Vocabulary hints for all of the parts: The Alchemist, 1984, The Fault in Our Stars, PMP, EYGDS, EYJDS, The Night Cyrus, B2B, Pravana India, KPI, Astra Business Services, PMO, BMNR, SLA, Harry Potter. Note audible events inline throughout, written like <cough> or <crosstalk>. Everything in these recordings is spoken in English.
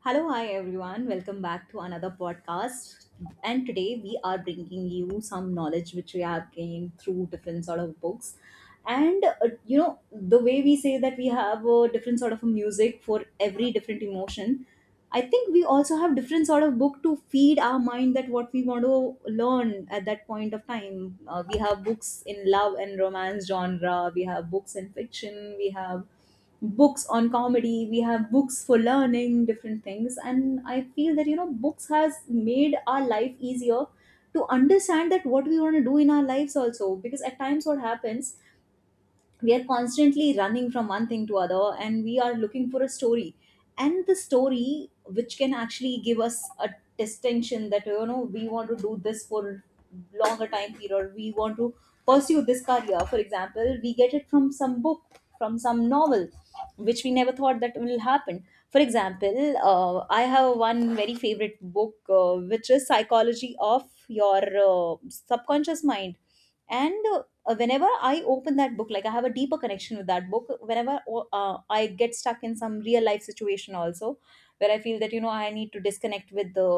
Hello, hi everyone. Welcome back to another podcast. And today we are bringing you some knowledge which we have gained through different sort of books. The way we say that we have a different sort of music for every different emotion, I think we also have different sort of book to feed our mind that what we want to learn at that point of time. We have books in love and romance genre, we have books in fiction, we have books on comedy, we have books for learning different things. And I feel that books has made our life easier to understand that what we want to do in our lives also, because at times what happens, we are constantly running from one thing to other and we are looking for a story, and the story which can actually give us a distinction that we want to do this for longer time period, we want to pursue this career. For example, we get it from some book, from some novel, which we never thought that will happen. For example, I have one very favorite book, which is psychology of your subconscious mind. And whenever I open that book, like I have a deeper connection with that book. Whenever I get stuck in some real life situation also, where I feel that I need to disconnect with the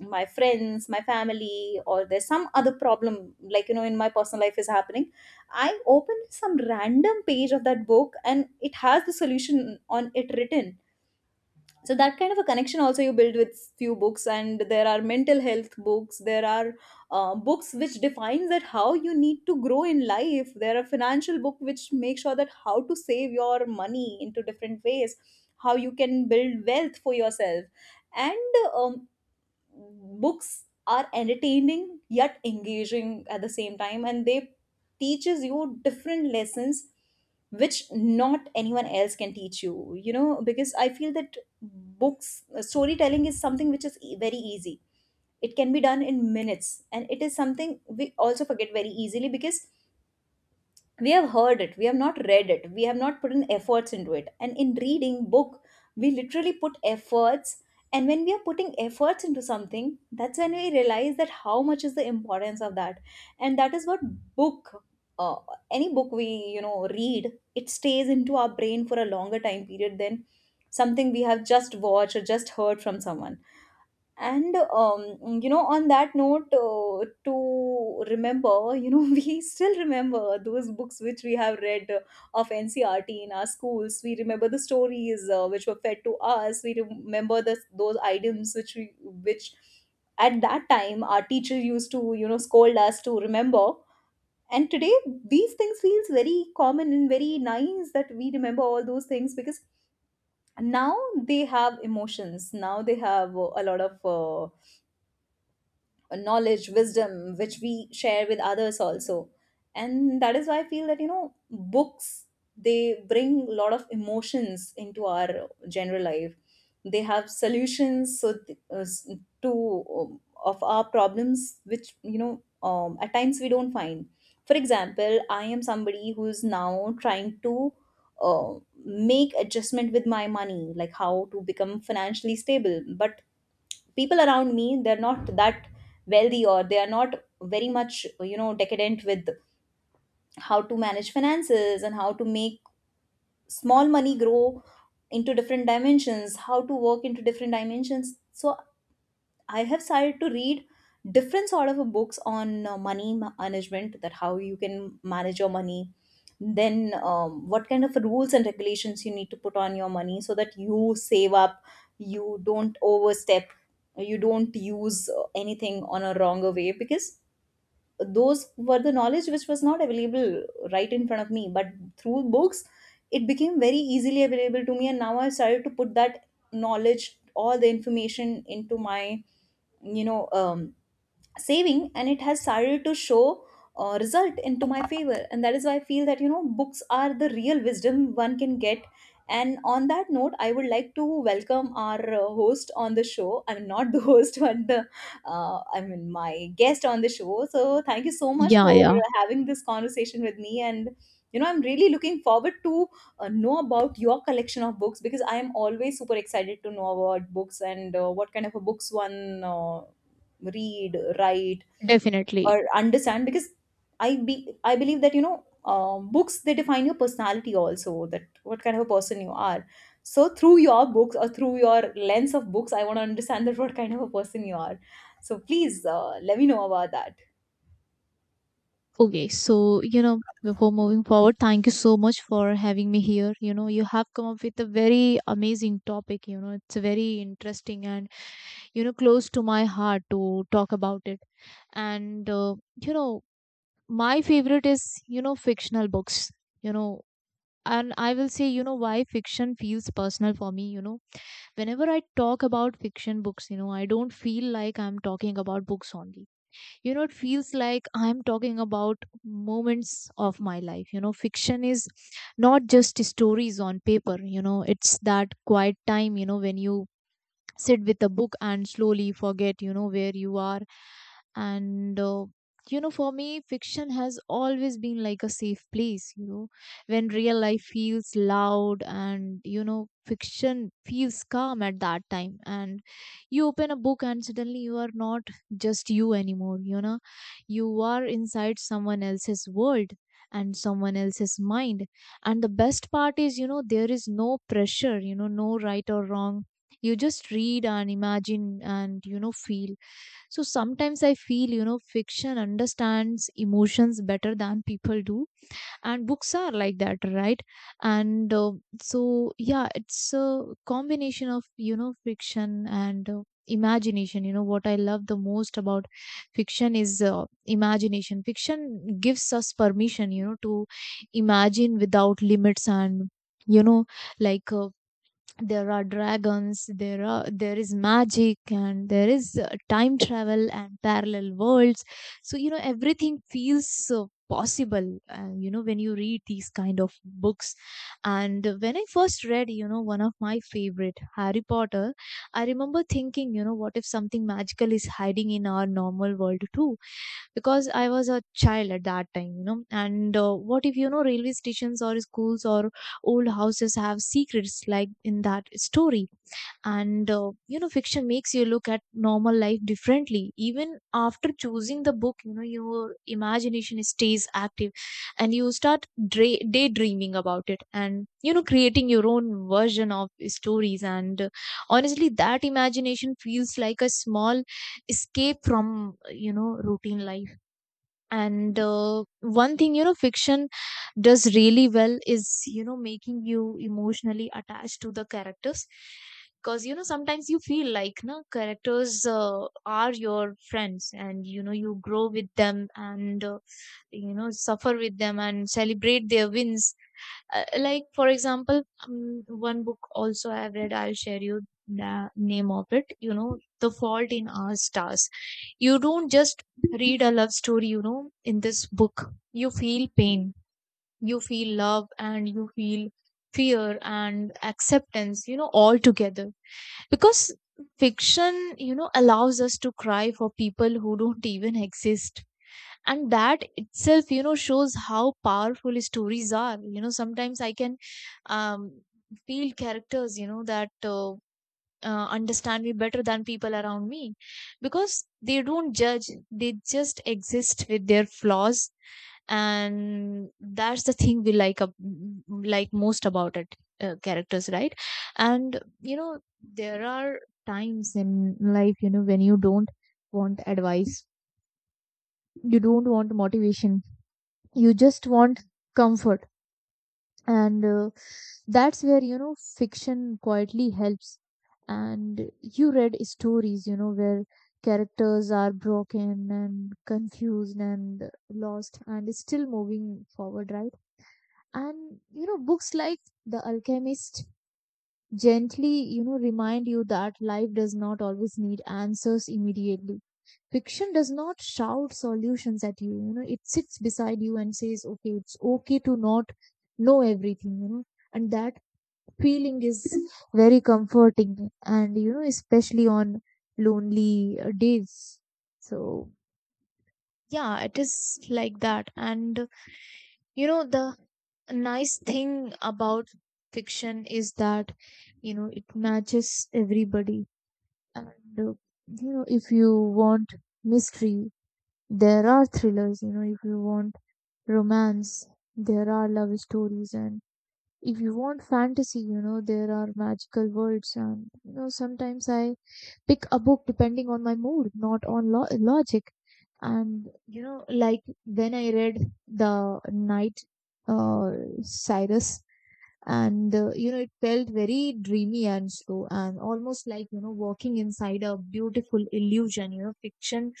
my friends, my family, or there's some other problem, like in my personal life is happening, I open some random page of that book and it has the solution on it written. So that kind of a connection also you build with few books. And there are mental health books, there are books which defines that how you need to grow in life. There are financial book which make sure that how to save your money into different ways, how you can build wealth for yourself. And Books are entertaining yet engaging at the same time, and they teaches you different lessons which not anyone else can teach you. You know, because I feel that books, storytelling is something which is very easy, it can be done in minutes, and it is something we also forget very easily because we have heard it, we have not read it, we have not put in efforts into it. And in reading book, we literally put efforts. And when we are putting efforts into something, that's when we realize that how much is the importance of that. And that is what book, uh, any book we read, it stays into our brain for a longer time period than something we have just watched or just heard from someone. On that note, to remember, <laughs> we still remember those books which we have read, of NCRT in our schools. We remember the stories which were fed to us. We remember the those items which we which at that time our teacher used to scold us to remember. And today these things feels very common and very nice that we remember all those things, because now they have emotions. Now they have a lot of knowledge, wisdom which we share with others also. And that is why I feel that books, they bring a lot of emotions into our general life. They have solutions so th- s- to of our problems which at times we don't find. For example, I am somebody who's now trying to uh, make adjustment with my money, like how to become financially stable, but people around me, they're not that wealthy, or they are not very much decadent with how to manage finances and how to make small money grow into different dimensions, how to work into different dimensions. So I have started to read different sort of books on money management, that how you can manage your money. Then what kind of rules and regulations you need to put on your money so that you save up, you don't overstep, you don't use anything on a wronger way, because those were the knowledge which was not available right in front of me, but through books it became very easily available to me. And now I've started to put that knowledge, all the information, into my you know um, saving, and it has started to show result into my favor. And that is why I feel that books are the real wisdom one can get. And on that note, I would like to welcome our host on the show. I'm not the <laughs> host, but the my guest on the show. So thank you so much Yeah, for yeah, having this conversation with me. And, you know, I'm really looking forward to know about your collection of books, because I am always super excited to know about books and what kind of a books one read, write, definitely. or understand. Because I believe that books, they define your personality also, that what kind of a person you are. So through your books, or through your lens of books, I want to understand that what kind of a person you are. So please let me know about that. Okay, so before moving forward, thank you so much for having me here. You know, you have come up with a very amazing topic. You know, it's very interesting and close to my heart to talk about it. And uh, you know, my favorite is fictional books. You know, and I will say, why fiction feels personal for me. Whenever I talk about fiction books, I don't feel like I'm talking about books only. It feels like I'm talking about moments of my life. Fiction is not just stories on paper. It's that quiet time when you sit with a book and slowly forget where you are, and for me fiction has always been like a safe place when real life feels loud, and fiction feels calm at that time, and you open a book and suddenly you are not just you anymore. You are inside someone else's world and someone else's mind. And the best part is, there is no pressure, no right or wrong. You just read and imagine and feel. So sometimes I feel fiction understands emotions better than people do. And books are like that, right? And uh, so yeah, it's a combination of fiction and imagination. You know what I love the most about fiction is imagination. Fiction gives us permission to imagine without limits. And you know like uh, there are dragons, there is magic, and there is time travel and parallel worlds. So everything feels so possible, when you read these kind of books. And when I first read, one of my favorite, Harry Potter, I remember thinking, what if something magical is hiding in our normal world too? Because I was a child at that time, you know. And What if railway stations or schools or old houses have secrets like in that story? And you know Fiction makes you look at normal life differently. Even after choosing the book, your imagination stays active, and you start daydreaming about it and creating your own version of stories. And Honestly, that imagination feels like a small escape from routine life. And One thing, fiction does really well is making you emotionally attached to the characters, because sometimes you feel like no, characters are your friends, and you grow with them and you know suffer with them and celebrate their wins. Like for example, one book also I've read, I'll share you the name of it, The Fault in Our Stars. You don't just read a love story, you know, in this book, you feel pain, you feel love, and you feel fear and acceptance, you know, all together. Because fiction, you know, allows us to cry for people who don't even exist. And that itself, you know, shows how powerful stories are. You know, sometimes I can um, feel characters, you know, that understand me better than people around me, because they don't judge, they just exist with their flaws. And that's the thing we like like most about it, characters, right? And there are times in life when you don't want advice, you don't want motivation, you just want comfort. And That's where fiction quietly helps, and you read stories where characters are broken and confused and lost and still moving forward, right? And books like The Alchemist gently, you know, remind you that life does not always need answers immediately. Fiction does not shout solutions at you, you know, it sits beside you and says, okay, it's okay to not know everything, you know, and that feeling is very comforting, and, you know, especially on lonely days. So, yeah, it is like that. And the nice thing about fiction is that it matches everybody. And you know If you want mystery, there are thrillers. If you want romance, there are love stories, and if you want fantasy, there are magical worlds. And sometimes I pick a book depending on my mood, not on logic. And you know, like when I read The Night uh, Cyrus, and you know, it felt very dreamy and slow, and almost like, you know, walking inside a beautiful illusion. You know, fiction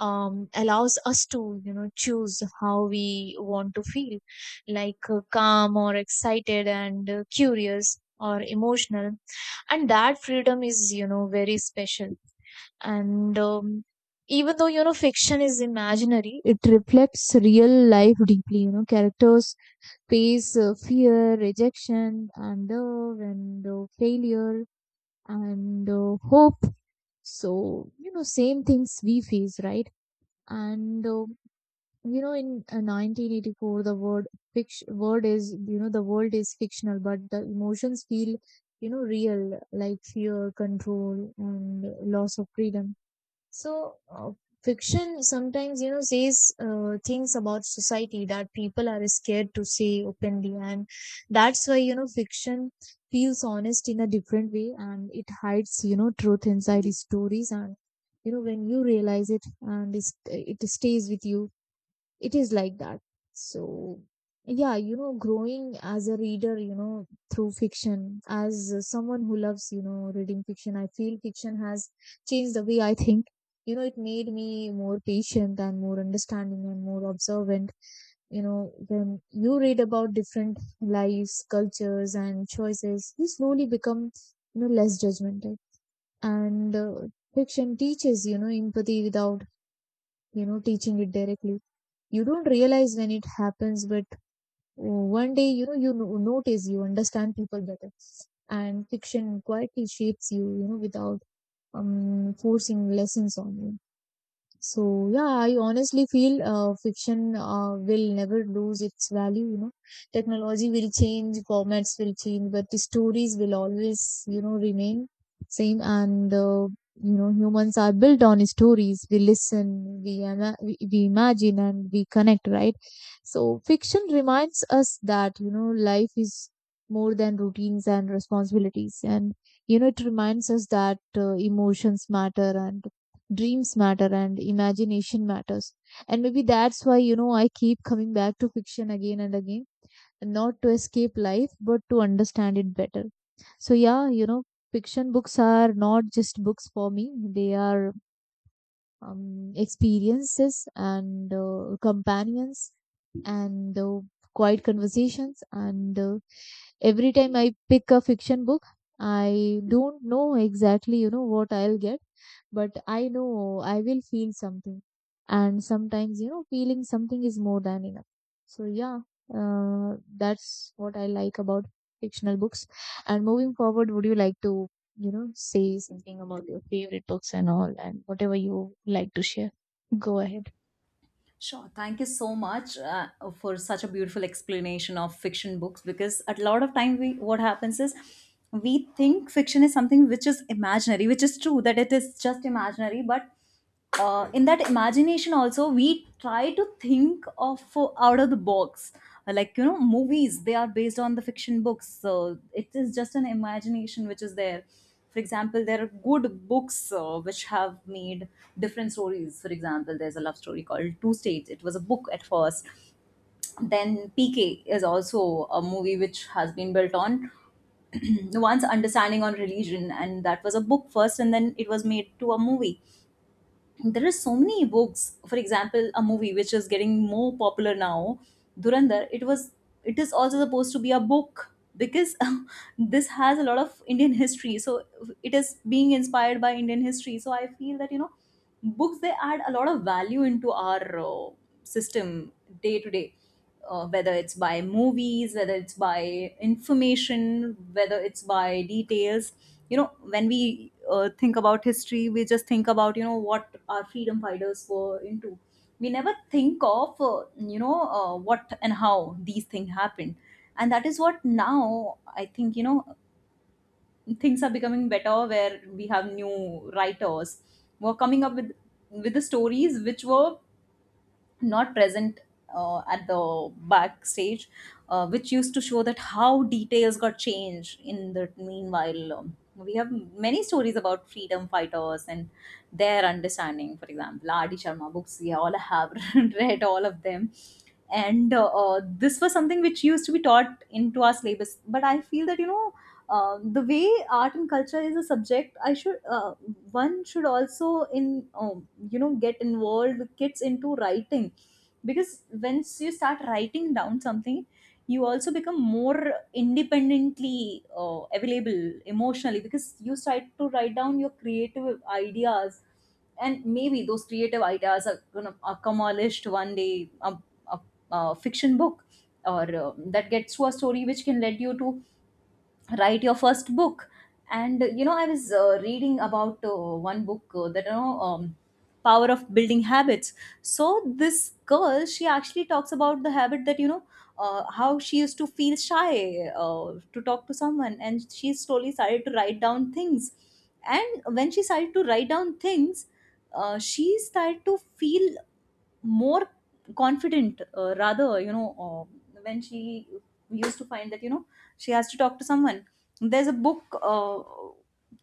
allows us to choose how we want to feel, like calm or excited and curious or emotional. And that freedom is very special. And Even though fiction is imaginary, it reflects real life deeply. You know, characters face fear, rejection, and love, and failure, and hope. So same things we face, right? and you know in 1984, the word fiction word is, the world is fictional, but the emotions feel, you know, real, like fear, control, and loss of freedom. so, uh, Fiction sometimes, you know, says things about society that people are scared to say openly. And that's why, you know, fiction feels honest in a different way, and it hides, you know, truth inside its stories. And, you know, when you realize it, it stays with you. It is like that. So yeah, growing as a reader, through fiction. As someone who loves reading fiction, I feel fiction has changed the way I think. It made me more patient and more understanding and more observant. You know, when you read about different lives, cultures, and choices, you slowly become, you know, less judgmental. And Fiction teaches empathy without teaching it directly. You don't realize when it happens, but one day you notice you understand people better, and fiction quietly shapes you, you know without forcing lessons on you. So yeah, I honestly feel fiction will never lose its value. You know, technology will change, formats will change, but the stories will always, you know, remain same. And You know, humans are built on stories. We listen, we imagine, and we connect. Right. So fiction reminds us that life is more than routines and responsibilities, and it reminds us that emotions matter and dreams matter and imagination matters. And maybe that's why, you know, I keep coming back to fiction again and again, not to escape life, but to understand it better. So, yeah, you know, fiction books are not just books for me, they are experiences and companions and quiet conversations. And Every time I pick a fiction book, I don't know exactly, you know, what I'll get, but I know I will feel something. And sometimes, you know, feeling something is more than enough. So, yeah, that's what I like about fictional books. And moving forward, would you like to, you know, say something about your favorite books and all, and whatever you like to share? Go ahead. Sure. Thank you so much for such a beautiful explanation of fiction books, because a lot of time, we what happens is, we think fiction is something which is imaginary, which is true that it is just imaginary, but Right. In that imagination also, we try to think of out of the box. Like you know, movies, they are based on the fiction books. So it is just an imagination which is there. For example, there are good books which have made different stories. For example, there's a love story called Two States, it was a book at first. Then PK is also a movie which has been built on one's understanding on religion, and that was a book first and then it was made to a movie. There are so many books. For example, a movie which is getting more popular now, Durandar, it was, it is also supposed to be a book, because <laughs> this has a lot of Indian history. So it is being inspired by Indian history. So I feel that books, they add a lot of value into our system, day to day, whether it's by movies, whether it's by information, whether it's by details. You know, when we think about history, we just think about, you know, what our freedom fighters were into. We never think of, what and how these things happened. And that is what now I think, you know, things are becoming better, where we have new writers who are coming up with the stories which were not present at the backstage, which used to show that how details got changed in the meanwhile. We have many stories about freedom fighters and their understanding. For example, Adi Sharma, books we all have <laughs> read all of them. And this was something which used to be taught into our syllabus. But I feel that, you know, the way art and culture is a subject, I should one should also in you know, get involved kids into writing. Because once you start writing down something, you also become more independently available emotionally, because you start to write down your creative ideas. And maybe those creative ideas are going to accomplish one day a, a fiction book, or that gets to a story which can lead you to write your first book. And you know, I was reading about one book that power of building habits. So this girl, she actually talks about the habit that you know, how she used to feel shy to talk to someone, and she slowly started to write down things. And when she started to write down things, she started to feel more confident, rather you know, when she used to find that you know, she has to talk to someone. There's a book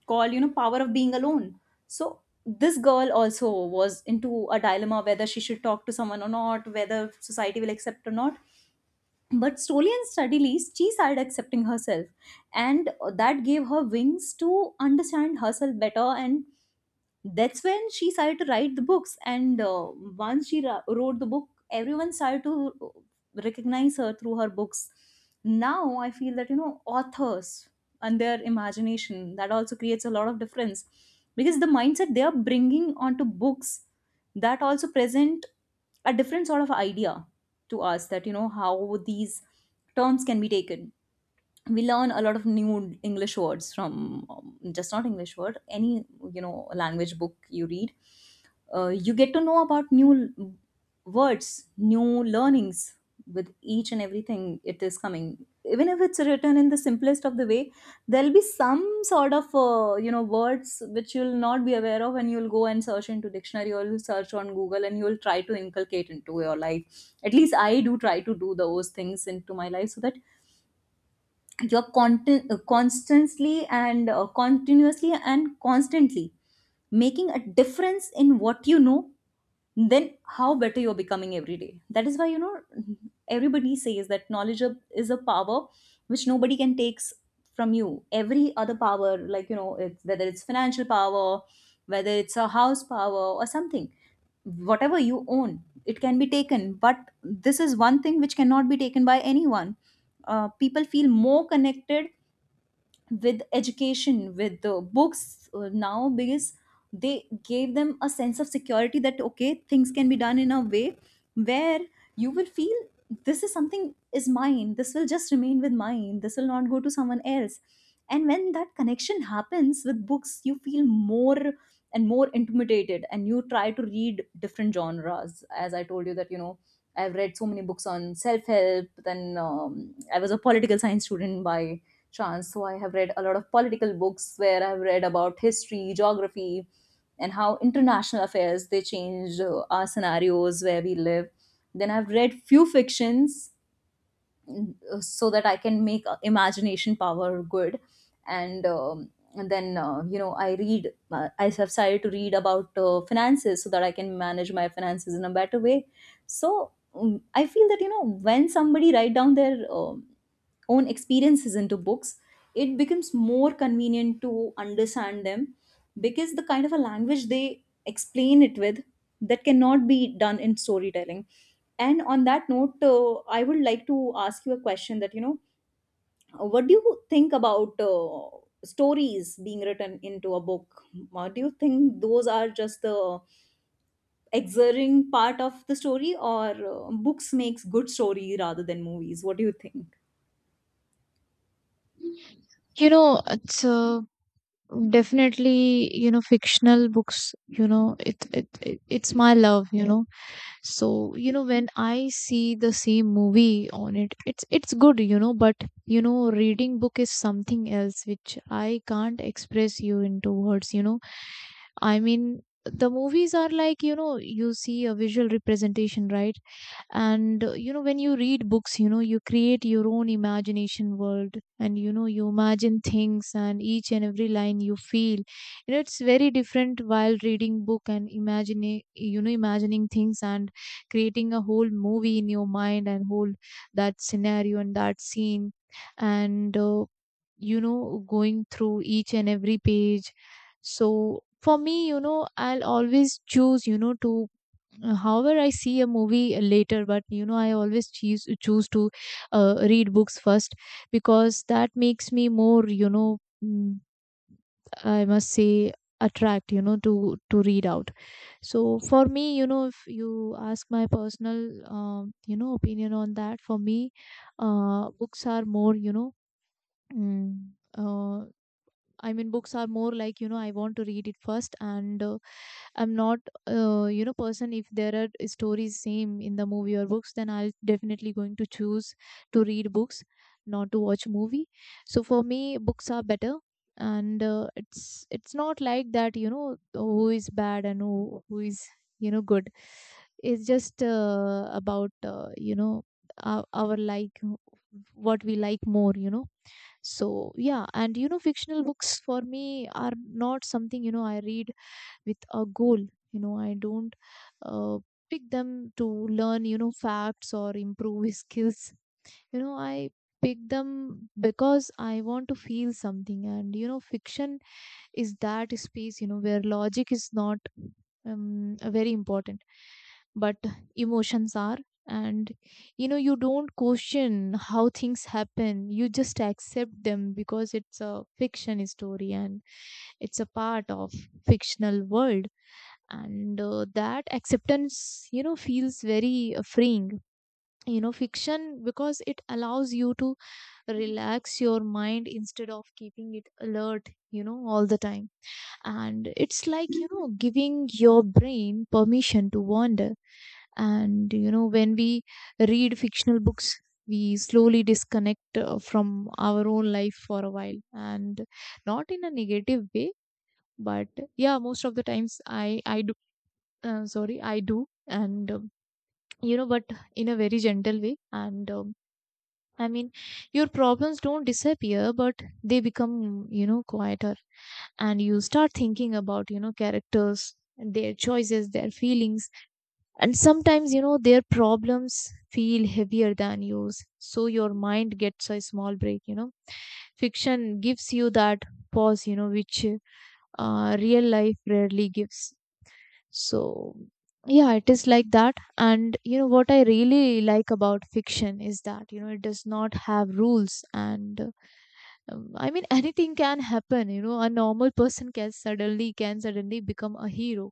called you know, power of being alone. So this girl also was into a dilemma whether she should talk to someone or not, whether society will accept or not. But slowly and steadily, she started accepting herself. And that gave her wings to understand herself better. And that's when she started to write the books. And once she wrote the book, everyone started to recognize her through her books. Now I feel that you know Authors and their imagination, that also creates a lot of difference, because the mindset they are bringing onto books, that also present a different sort of idea to us, that you know how these terms can be taken. We learn a lot of new English words from just not English word, any you know language book you read. You get to know about new words, new learnings with each and everything it is coming, even if it's written in the simplest of the way. There'll be some sort of you know, words which you'll not be aware of, and you'll go and search into dictionary, or you'll search on Google, and you'll try to inculcate into your life. At least I do try to do those things into my life, so that you're content, constantly, and continuously and constantly making a difference in what you know, then how better you're becoming every day. That is why, you know, everybody says that knowledge is a power which nobody can take from you. Every other power, like, you know, it's whether it's financial power, whether it's a house power or something, whatever you own, it can be taken, but this is one thing which cannot be taken by anyone. People feel more connected with education, with the books, now, because they gave them a sense of security that okay, things can be done in a way where you will feel this is something is mine, this will just remain with mine, this will not go to someone else. And when that connection happens with books, you feel more and more intimidated, and you try to read different genres. As I told you that, you know, I've read so many books on self-help, then I was a political science student by chance. So I have read a lot of political books, where I've read about history, geography, and how international affairs they change our scenarios where we live. Then I've read few fictions, so that I can make imagination power good, and. Um, and then you know, I read I have started to read about finances so that I can manage my finances in a better way. So I feel that, you know, when somebody write down their own experiences into books, it becomes more convenient to understand them, because the kind of a language they explain it with, that cannot be done in storytelling. And on that note, I would like to ask you a question, that you know, what do you think about stories being written into a book? Do you think those are just the exerting part of the story, or books makes good story rather than movies? What do you think? You know, it's definitely fictional books, it's my love, so when I see the same movie on it, it's good, but reading book is something else, which I can't express you into words, I mean the movies are like, you see a visual representation, right? and you know, when you read books, you create your own imagination world, and you imagine things, and each and every line you feel, it's very different, while reading book and imagining, imagining things, and creating a whole movie in your mind, and whole that scenario and that scene. And you know Going through each and every page, so for me, I'll always choose, to however, I see a movie later, but you know, I always choose to read books first, because that makes me more, you know, I must say, attract, you know, to read out. So for me, if you ask my personal, opinion on that, for me, books are more, you know, mm, uh, I mean, books are more like, you know, I want to read it first, and I'm not, person. If there are stories same in the movie or books, then I'll definitely going to choose to read books, not to watch movie. So for me, books are better, and it's not like that. You know, who is bad and who is good. It's just about our like what we like more. So yeah, and fictional books for me are not something I read with a goal. I don't uh, pick them to learn facts or improve his <laughs> skills. I pick them because I want to feel something. And fiction is that space where logic is not very important, but emotions are. And you don't question how things happen, you just accept them because it's a fiction story, and it's a part of fictional world. And that acceptance feels very freeing, fiction, because it allows you to relax your mind instead of keeping it alert all the time. And it's like giving your brain permission to wander. And when we read fictional books, we slowly disconnect from our own life for a while, and not in a negative way, but yeah, most of the times I do, sorry, I do. And but in a very gentle way. And um, I mean, your problems don't disappear, but they become, quieter. And you start thinking about, characters, their choices, their feelings. And sometimes, their problems feel heavier than yours. So your mind gets a small break. Fiction gives you that pause, which real life rarely gives. So, yeah, it is like that. And what I really like about fiction is that it does not have rules. And I mean Anything can happen. You know, a normal person can suddenly become a hero,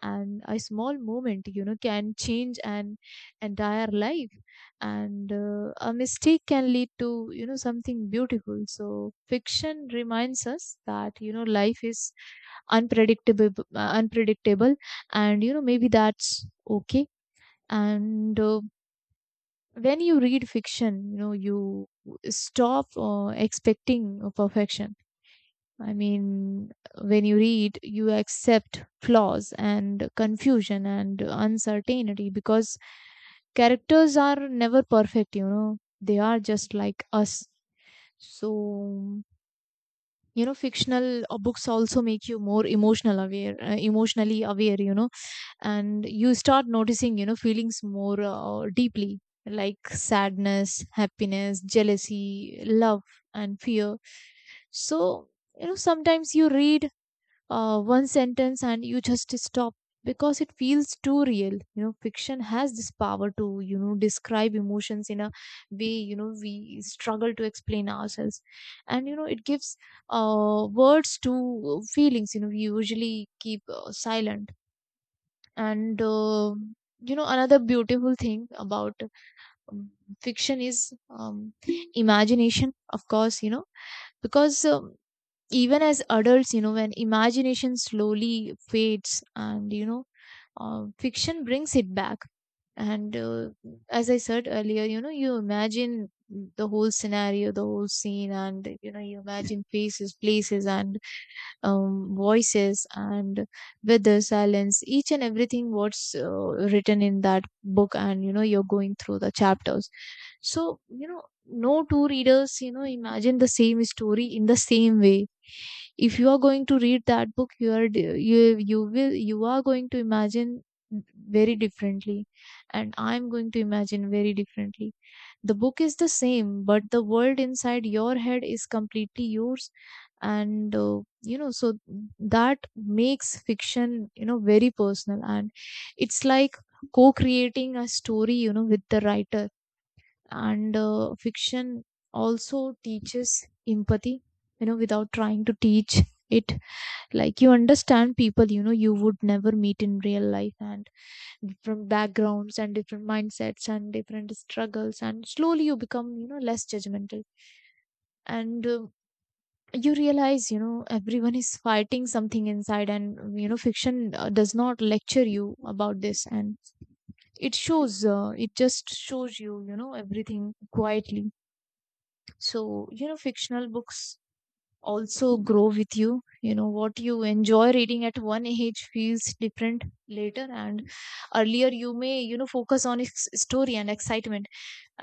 and a small moment can change an entire life. And a mistake can lead to something beautiful. So fiction reminds us that life is unpredictable unpredictable, and maybe that's okay. and When you read fiction, you stop expecting perfection. I mean, when you read, you accept flaws and confusion and uncertainty because characters are never perfect, they are just like us. So fictional books also make you more emotional aware, emotionally aware, and you start noticing feelings more deeply, like sadness, happiness, jealousy, love, and fear. So sometimes you read one sentence and you just stop because it feels too real. Fiction has this power to describe emotions in a way we struggle to explain ourselves, and it gives words to feelings we usually keep silent. And you know Another beautiful thing about um, fiction is imagination, of course, because even as adults, when imagination slowly fades, and fiction brings it back. And As I said earlier, you imagine the whole scenario, the whole scene, and you imagine faces, places, and voices, and weather, silence, each and everything what's written in that book, and you're going through the chapters. So, no two readers, imagine the same story in the same way. If you are going to read that book, you are d- you will you are going to imagine very differently, and I'm going to imagine very differently. The book is the same, but the world inside your head is completely yours. And uh, you know so that makes fiction very personal, and it's like co-creating a story with the writer. And Fiction also teaches empathy, without trying to teach it. Like, you understand people you would never meet in real life, and different backgrounds and different mindsets and different struggles, and slowly you become less judgmental. And You realize everyone is fighting something inside, and fiction does not lecture you about this, and it shows it just shows you you know everything quietly. So fictional books also grow with you. You know What you enjoy reading at one age feels different later, and earlier you may focus on its story and excitement,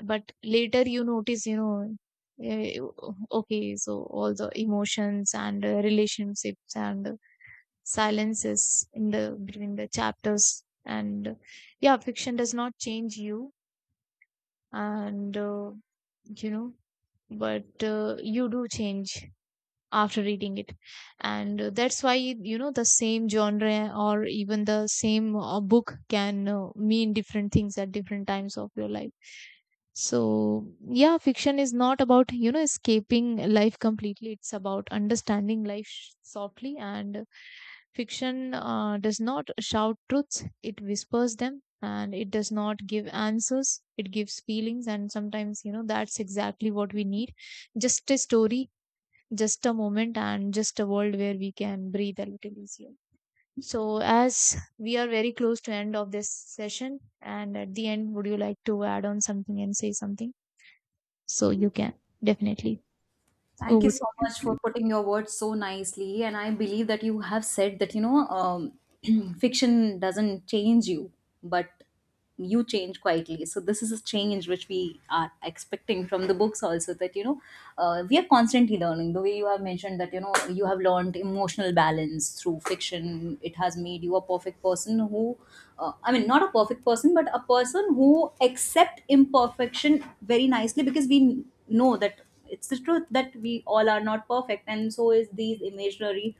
but later you notice, eh, okay, so all the emotions and relationships and silences in the between the chapters, and yeah, fiction does not change you, and you know but you do change after reading it. And That's why the same genre, or even the same book, can mean different things at different times of your life. So yeah, fiction is not about escaping life completely, it's about understanding life softly, and fiction does not shout truths, it whispers them, and it does not give answers, it gives feelings. And sometimes, that's exactly what we need. Just a story, just a moment, and just a world where we can breathe a little easier. So, as we are very close to end of this session, and at the end, would you like to add on something and say something, so you can. Definitely, Thank you over to so much for you. putting your words so nicely. And I believe that you have said that, you know, <clears throat> fiction doesn't change you, but you change quietly. So, this is a change which we are expecting from the books also, that, you know, we are constantly learning. The way you have mentioned that, you know, you have learned emotional balance through fiction, it has made you a perfect person who, I mean, not a perfect person, but a person who accept imperfection very nicely, because we know that it's the truth that we all are not perfect, and so is these imaginary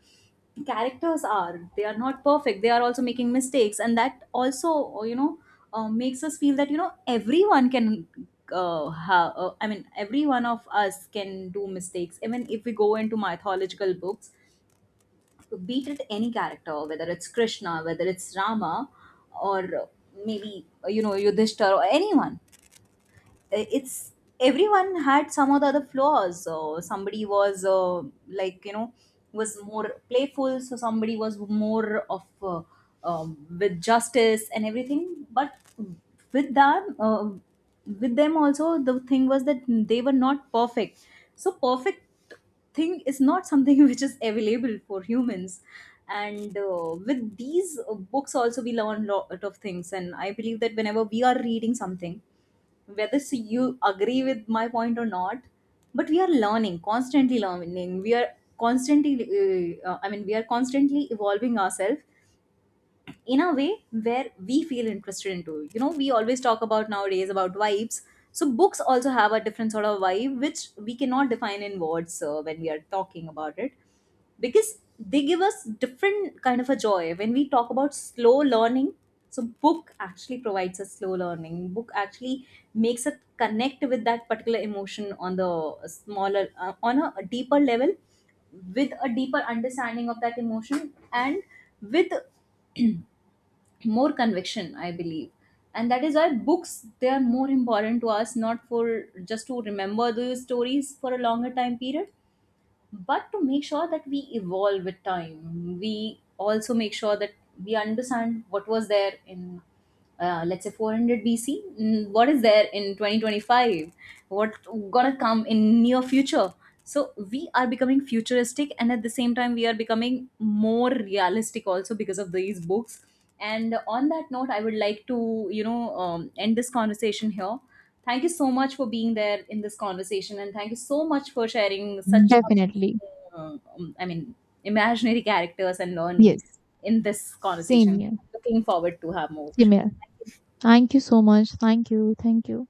characters are, they are not perfect, they are also making mistakes. And that also, you know, makes us feel that, you know, everyone can I mean, every one of us can do mistakes, even if we go into mythological books. Beat it, any character, whether it's Krishna, whether it's Rama, or maybe you know, Yudhishthir or anyone, it's everyone had some of the other flaws. So somebody was like, you know, was more playful, so somebody was more of with justice and everything, but with them uh, with them also, the thing was that they were not perfect. So perfect thing is not something <laughs> which is available for humans. And with these books also, we learn lot of things, and I believe that whenever we are reading something, whether so you agree with my point or not, but we are learning, constantly learning. We are constantly, I mean, we are constantly evolving ourselves in a way where we feel interested into, you know, we always talk about nowadays about vibes. So books also have a different sort of vibe which we cannot define in words when we are talking about it, because they give us different kind of a joy. When we talk about slow learning, so book actually provides a slow learning. Book actually makes us connect with that particular emotion on the smaller on a deeper level, with a deeper understanding of that emotion, and with more conviction, I believe. And that is why books, they are more important to us, not for just to remember those stories for a longer time period, but to make sure that we evolve with time. We also make sure that we understand what was there in let's say 400 BC, what is there in 2025, what gonna come in near future. So we are becoming futuristic, and at the same time we are becoming more realistic also because of these books. And on that note, I would like to, you know, end this conversation here. Thank you so much for being there in this conversation, and thank you so much for sharing such Definitely. amazing, I mean, imaginary characters and learning Yes. in this Same conversation. here. Looking forward to have more. Same here. Thank you so much. Thank you. Thank you.